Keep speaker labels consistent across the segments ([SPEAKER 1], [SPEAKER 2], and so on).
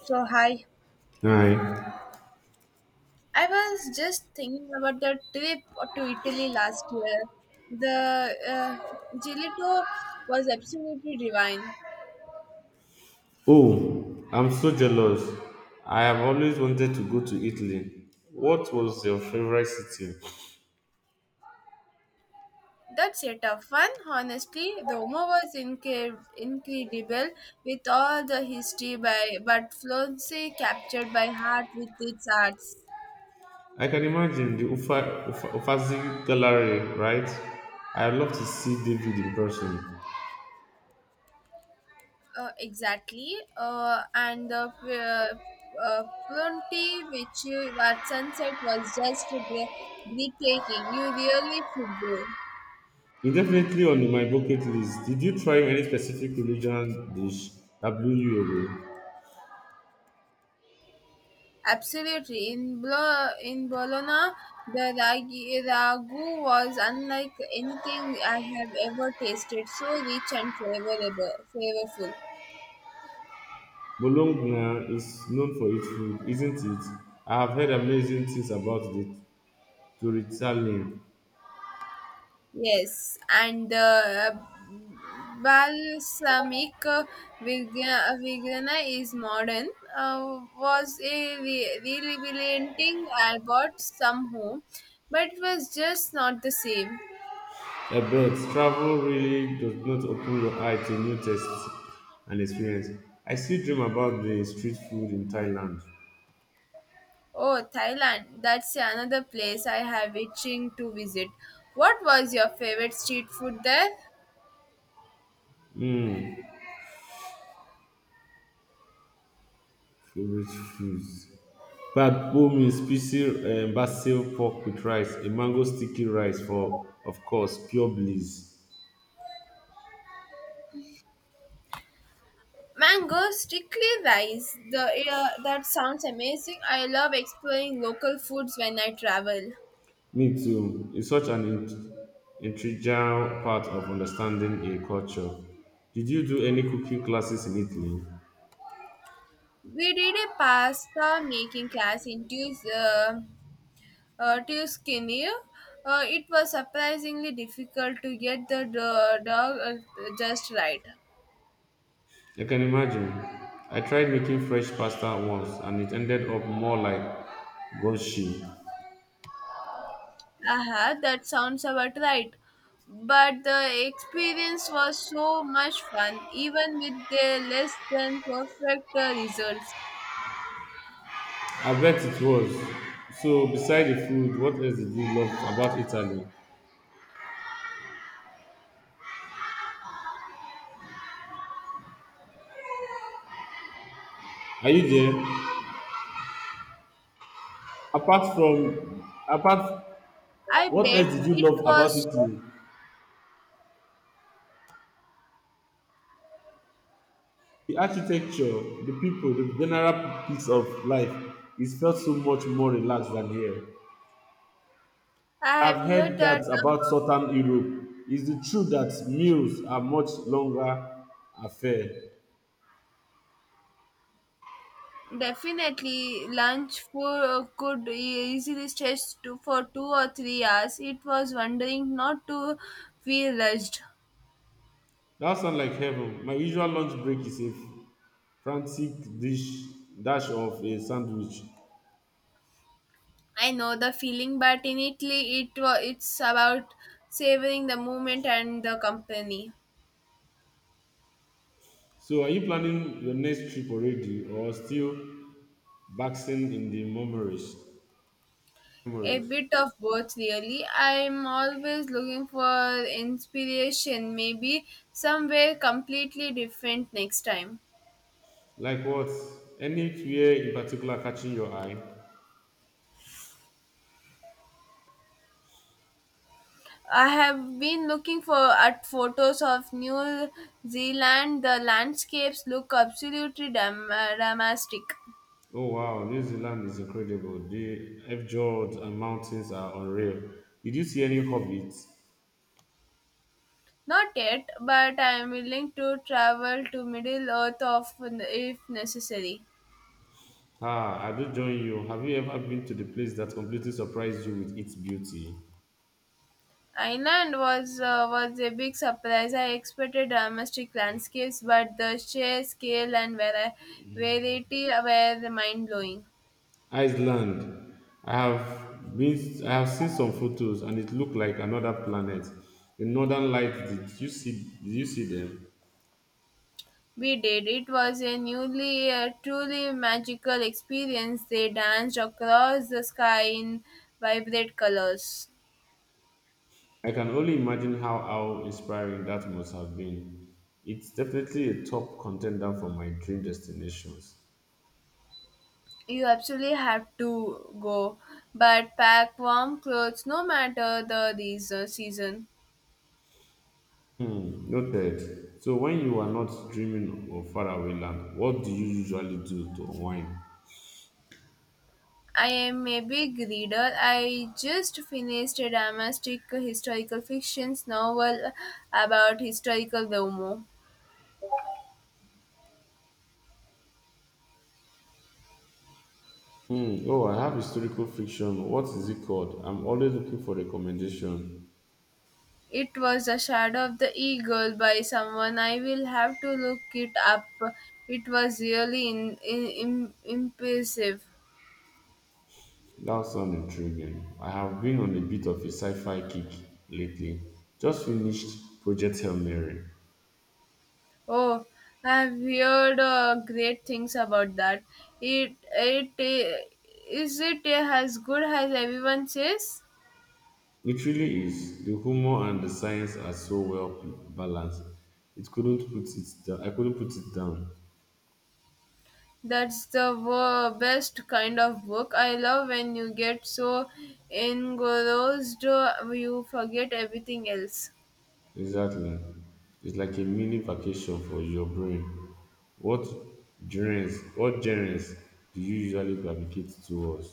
[SPEAKER 1] So, hi.
[SPEAKER 2] Right.
[SPEAKER 1] I was just thinking about the trip to Italy last year. The gelato was absolutely divine.
[SPEAKER 2] Oh, I'm so jealous. I have always wanted to go to Italy. What was your favorite city?
[SPEAKER 1] That setup fun, honestly. The Roma was incredible with all the history, by but Florence captured by heart with its arts.
[SPEAKER 2] I can imagine the Uffizi Gallery, right? I'd love to see David in person.
[SPEAKER 1] Exactly. And the Pronti, which at sunset was just breathtaking. You really should go.
[SPEAKER 2] It's definitely on my bucket list. Did you try any specific religion dish that blew you away?
[SPEAKER 1] Absolutely. In Bologna, the ragu was unlike anything I have ever tasted, so rich and flavorful.
[SPEAKER 2] Bologna is known for its food, isn't it? I have heard amazing things about the Torricelli.
[SPEAKER 1] Yes, and the balsamic Virgana is modern, was a relevanting. I bought some home, but it was just not the same.
[SPEAKER 2] Abroad, travel really does not open your eye to new tastes and experience. I still dream about the street food in Thailand.
[SPEAKER 1] Oh, Thailand. That's another place I have itching to visit. What was your favorite street food there?
[SPEAKER 2] Mmm, Favorite foods. Bak bo means spicy basil pork with rice, a mango sticky rice for, of course, pure bliss.
[SPEAKER 1] Mango strictly rice. The That sounds amazing. I love exploring local foods when I travel.
[SPEAKER 2] Me too. It's such an integral part of understanding a culture. Did you do any cooking classes in Italy?
[SPEAKER 1] We did a pasta making class in Tues Tuscany. It was surprisingly difficult to get the dog just right.
[SPEAKER 2] I can imagine. I tried making fresh pasta once and it ended up more like gushing.
[SPEAKER 1] Uh-huh, that sounds about right. But the experience was so much fun, even with the less than perfect results.
[SPEAKER 2] I bet it was. So, beside the food, what else did you love about Italy? Are you there? Apart from, apart,
[SPEAKER 1] I
[SPEAKER 2] what else
[SPEAKER 1] bet
[SPEAKER 2] did you
[SPEAKER 1] it
[SPEAKER 2] love about
[SPEAKER 1] was so.
[SPEAKER 2] Italy? The architecture, the people, the general piece of life. It felt so much more relaxed than here.
[SPEAKER 1] I have
[SPEAKER 2] I've
[SPEAKER 1] heard
[SPEAKER 2] heard
[SPEAKER 1] that
[SPEAKER 2] that
[SPEAKER 1] about.
[SPEAKER 2] about Southern Europe. Is it true that meals are much longer affair?
[SPEAKER 1] Definitely lunch for, could easily stretch to, for 2 or 3 hours. It was wondering not to feel rushed.
[SPEAKER 2] That sounds like heaven. My usual lunch break is a frantic dish dash of a sandwich.
[SPEAKER 1] I know the feeling, but in Italy, it's about savoring the moment and the company.
[SPEAKER 2] So, are you planning your next trip already, or still basking in the memories?
[SPEAKER 1] A
[SPEAKER 2] Memories.
[SPEAKER 1] bit of both, really. I'm always looking for inspiration, maybe somewhere completely different next time.
[SPEAKER 2] Like what? Anywhere in particular catching your eye?
[SPEAKER 1] I have been looking for at photos of New Zealand. The landscapes look absolutely dramatic.
[SPEAKER 2] Oh wow, New Zealand is incredible. The F fjords and mountains are unreal. Did you see any hobbits?
[SPEAKER 1] Not yet, but I am willing to travel to Middle Earth of if necessary.
[SPEAKER 2] Ah, I do join you. Have you ever been to the place that completely surprised you with its beauty?
[SPEAKER 1] Island was a big surprise. I expected domestic landscapes, but the sheer scale and variety were mind blowing.
[SPEAKER 2] Iceland. I have seen some photos and it looked like another planet. The northern lights, did you see them?
[SPEAKER 1] We did. It was a truly magical experience. They danced across the sky in vibrant colors.
[SPEAKER 2] I can only imagine how inspiring that must have been. It's definitely a top contender for my dream destinations.
[SPEAKER 1] You absolutely have to go, but pack warm clothes no matter the season.
[SPEAKER 2] Hmm, noted. So when you are not dreaming of faraway land, what do you usually do to unwind?
[SPEAKER 1] I am a big reader. I just finished a domestic historical fiction novel about historical Domo.
[SPEAKER 2] Hmm, oh, I have historical fiction. What is it called? I'm always looking for recommendation.
[SPEAKER 1] It was The Shadow of the Eagle by someone. I will have to look it up. It was really impressive.
[SPEAKER 2] That sounds intriguing. I have been on a bit of a sci-fi kick lately. Just finished Project Hail Mary.
[SPEAKER 1] Oh, I've heard great things about that. It, it, eh, is it as good as everyone says?
[SPEAKER 2] It really is. The humor and the science are so well balanced. It couldn't put it down. I couldn't put it down.
[SPEAKER 1] That's the best kind of book. I love when you get so engrossed you forget everything else.
[SPEAKER 2] Exactly. It's like a mini vacation for your brain. What What genres do you usually gravitate towards?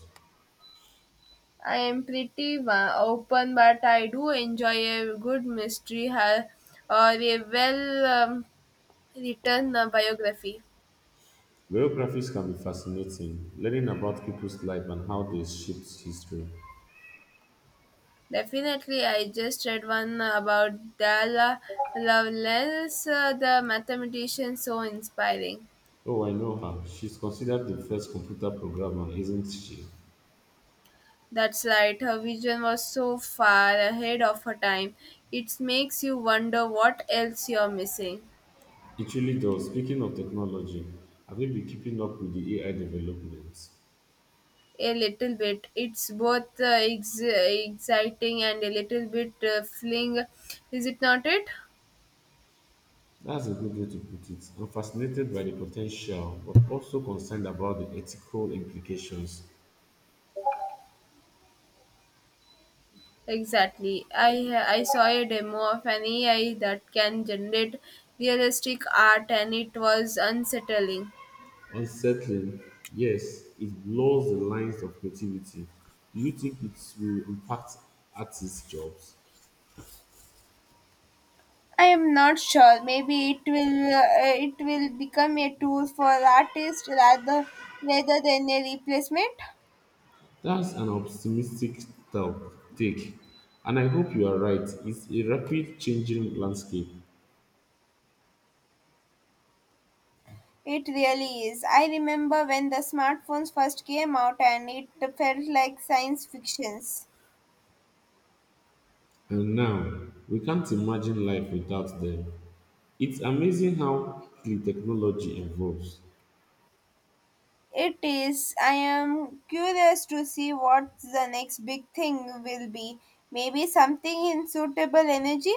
[SPEAKER 1] I am pretty open, but I do enjoy a good mystery or a well written biography.
[SPEAKER 2] Biographies can be fascinating. Learning about people's life and how they shaped history.
[SPEAKER 1] Definitely, I just read one about Dala Lovelace, the mathematician, so inspiring.
[SPEAKER 2] Oh, I know her. She's considered the first computer programmer, isn't she?
[SPEAKER 1] That's right, her vision was so far ahead of her time. It makes you wonder what else you're missing.
[SPEAKER 2] It really does. Speaking of technology, have you been keeping up with the AI developments?
[SPEAKER 1] A little bit. It's both exciting and a little bit fling. Is it not it?
[SPEAKER 2] That's a good way to put it. I'm fascinated by the potential, but also concerned about the ethical implications.
[SPEAKER 1] Exactly. I saw a demo of an AI that can generate realistic art and it was unsettling.
[SPEAKER 2] Unsettling, yes, it blurs the lines of creativity. Do you think it will impact artists' jobs?
[SPEAKER 1] I am not sure. Maybe it will become a tool for artists rather than a replacement.
[SPEAKER 2] That's an optimistic take, and I hope you are right. It's a rapid changing landscape,
[SPEAKER 1] It really is. I remember when the smartphones first came out and it felt like science fictions.
[SPEAKER 2] and now we can't imagine life without them. It's amazing how the technology evolves.
[SPEAKER 1] It is. I am curious to see what the next big thing will be. Maybe something in suitable energy?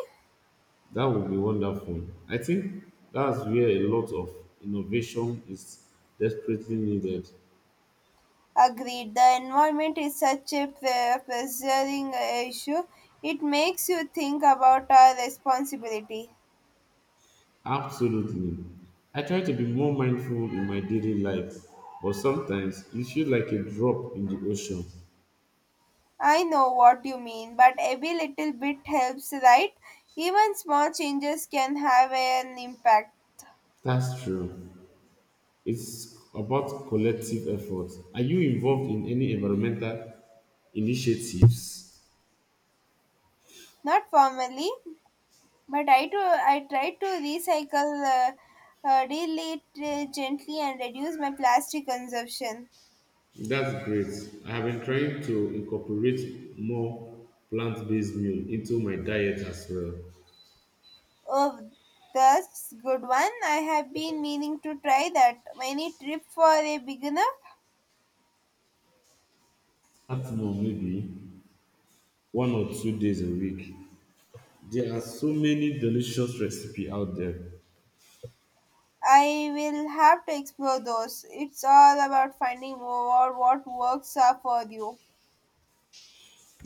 [SPEAKER 2] That would be wonderful. I think that's where a lot of innovation is desperately needed.
[SPEAKER 1] Agreed. The environment is such a pressuring issue. It makes you think about our responsibility.
[SPEAKER 2] Absolutely. I try to be more mindful in my daily life, but sometimes it feels like a drop in the ocean.
[SPEAKER 1] I know what you mean, but every little bit helps, right? Even small changes can have an impact.
[SPEAKER 2] That's true. It's about collective effort. Are you involved in any environmental initiatives?
[SPEAKER 1] Not formally, but I do. I try to recycle really gently and reduce my plastic consumption.
[SPEAKER 2] That's great. I have been trying to incorporate more plant based meal into my diet as well.
[SPEAKER 1] Oh, that's good one. I have been meaning to try that. Any trip for a beginner?
[SPEAKER 2] At more, maybe 1 or 2 days a week. There are so many delicious recipes out there.
[SPEAKER 1] I will have to explore those. It's all about finding what works are for you.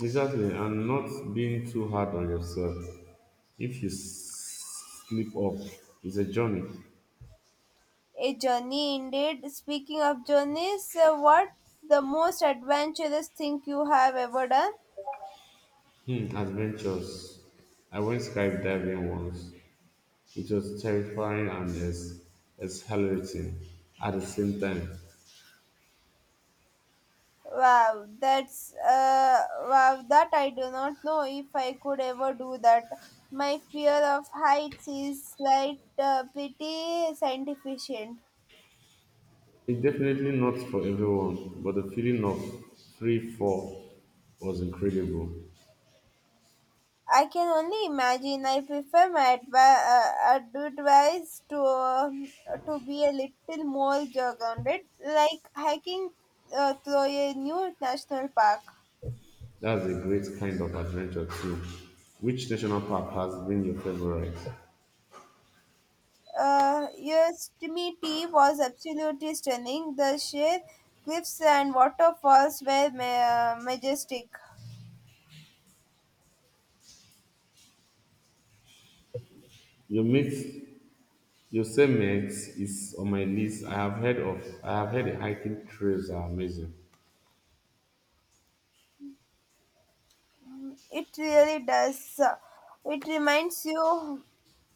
[SPEAKER 2] Exactly, and not being too hard on yourself. If you slip up, it's a journey.
[SPEAKER 1] A journey indeed. Speaking of journeys, what the most adventurous thing you have ever done?
[SPEAKER 2] Hmm, adventures. I went skydiving once. It was terrifying and exhilarating at the same time.
[SPEAKER 1] Wow, that I do not know if I could ever do that. My fear of heights is pretty scientificient.
[SPEAKER 2] It's definitely not for everyone, but the feeling of free fall was incredible.
[SPEAKER 1] I can only imagine. I prefer my advice to be a little more grounded, like hiking through a new national park.
[SPEAKER 2] That's a great kind of adventure too. Which national park has been your favorite?
[SPEAKER 1] Yosemite was absolutely stunning. The sheer cliffs and waterfalls were majestic.
[SPEAKER 2] Your mate, Yosemite is on my list. I have heard of. I have heard the hiking trails are amazing.
[SPEAKER 1] It really does. It reminds you.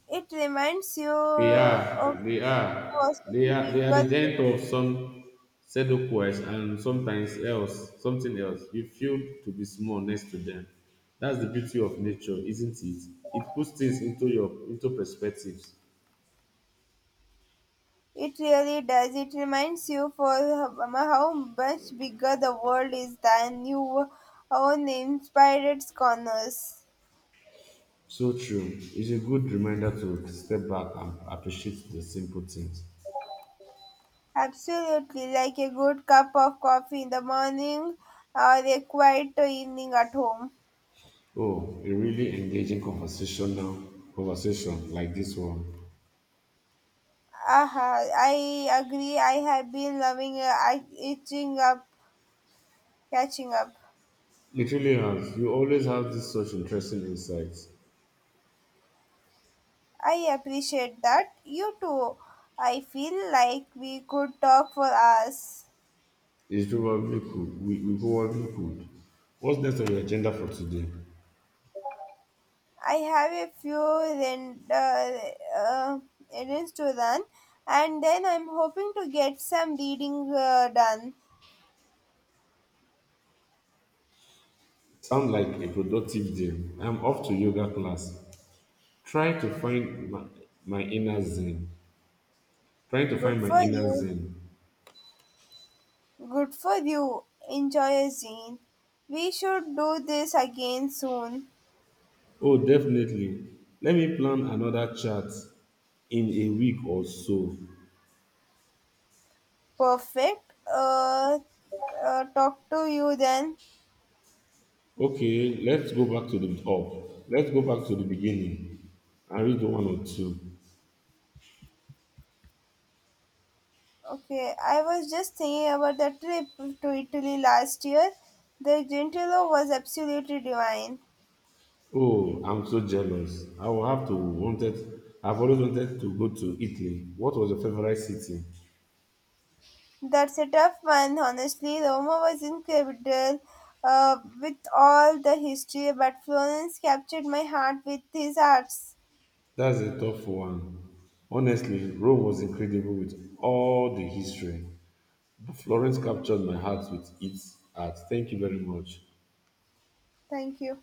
[SPEAKER 1] It reminds you
[SPEAKER 2] They
[SPEAKER 1] of
[SPEAKER 2] are, they are, they
[SPEAKER 1] possibly
[SPEAKER 2] are, they are
[SPEAKER 1] bigger.
[SPEAKER 2] the giant of some seducers and something else. You feel to be small next to them. That's the beauty of nature, isn't it? It puts things into perspectives.
[SPEAKER 1] It really does. It reminds you for how much bigger the world is than your own inspired corners.
[SPEAKER 2] So true. It's a good reminder to step back and appreciate the simple things.
[SPEAKER 1] Absolutely, like a good cup of coffee in the morning or a quiet evening at home.
[SPEAKER 2] Oh, a really engaging conversation now. Conversation like this one.
[SPEAKER 1] Aha, I agree. I have been loving catching up.
[SPEAKER 2] It really has. You always have this such interesting insights.
[SPEAKER 1] I appreciate that. You too. I feel like we could talk for hours.
[SPEAKER 2] It's probably could. We probably could. What's next on your agenda for today?
[SPEAKER 1] I have a few uh, errands to run, and then I'm hoping to get some reading done.
[SPEAKER 2] Sound like a productive day. I'm off to yoga class. Try to find my, my inner zen. Trying to
[SPEAKER 1] Good
[SPEAKER 2] find my
[SPEAKER 1] for
[SPEAKER 2] inner
[SPEAKER 1] you.
[SPEAKER 2] zen.
[SPEAKER 1] Good for you. Enjoy, Zine. We should do this again soon.
[SPEAKER 2] Oh, definitely. Let me plan another chat in a week or so.
[SPEAKER 1] Perfect. Talk to you then.
[SPEAKER 2] Okay, let's go back to the top. Let's go back to the beginning and read one or two.
[SPEAKER 1] Okay, I was just thinking about the trip to Italy last year. The Gentilo was absolutely divine.
[SPEAKER 2] Oh, I'm so jealous. I will have to wanted. I've always wanted to go to Italy. What was your favorite city?
[SPEAKER 1] That's a tough one, honestly. Roma was incredible with all the history, but Florence captured my heart with his arts.
[SPEAKER 2] That's a tough one. Honestly, Rome was incredible with all the history. Florence captured my heart with its art. Thank you very much.
[SPEAKER 1] Thank you.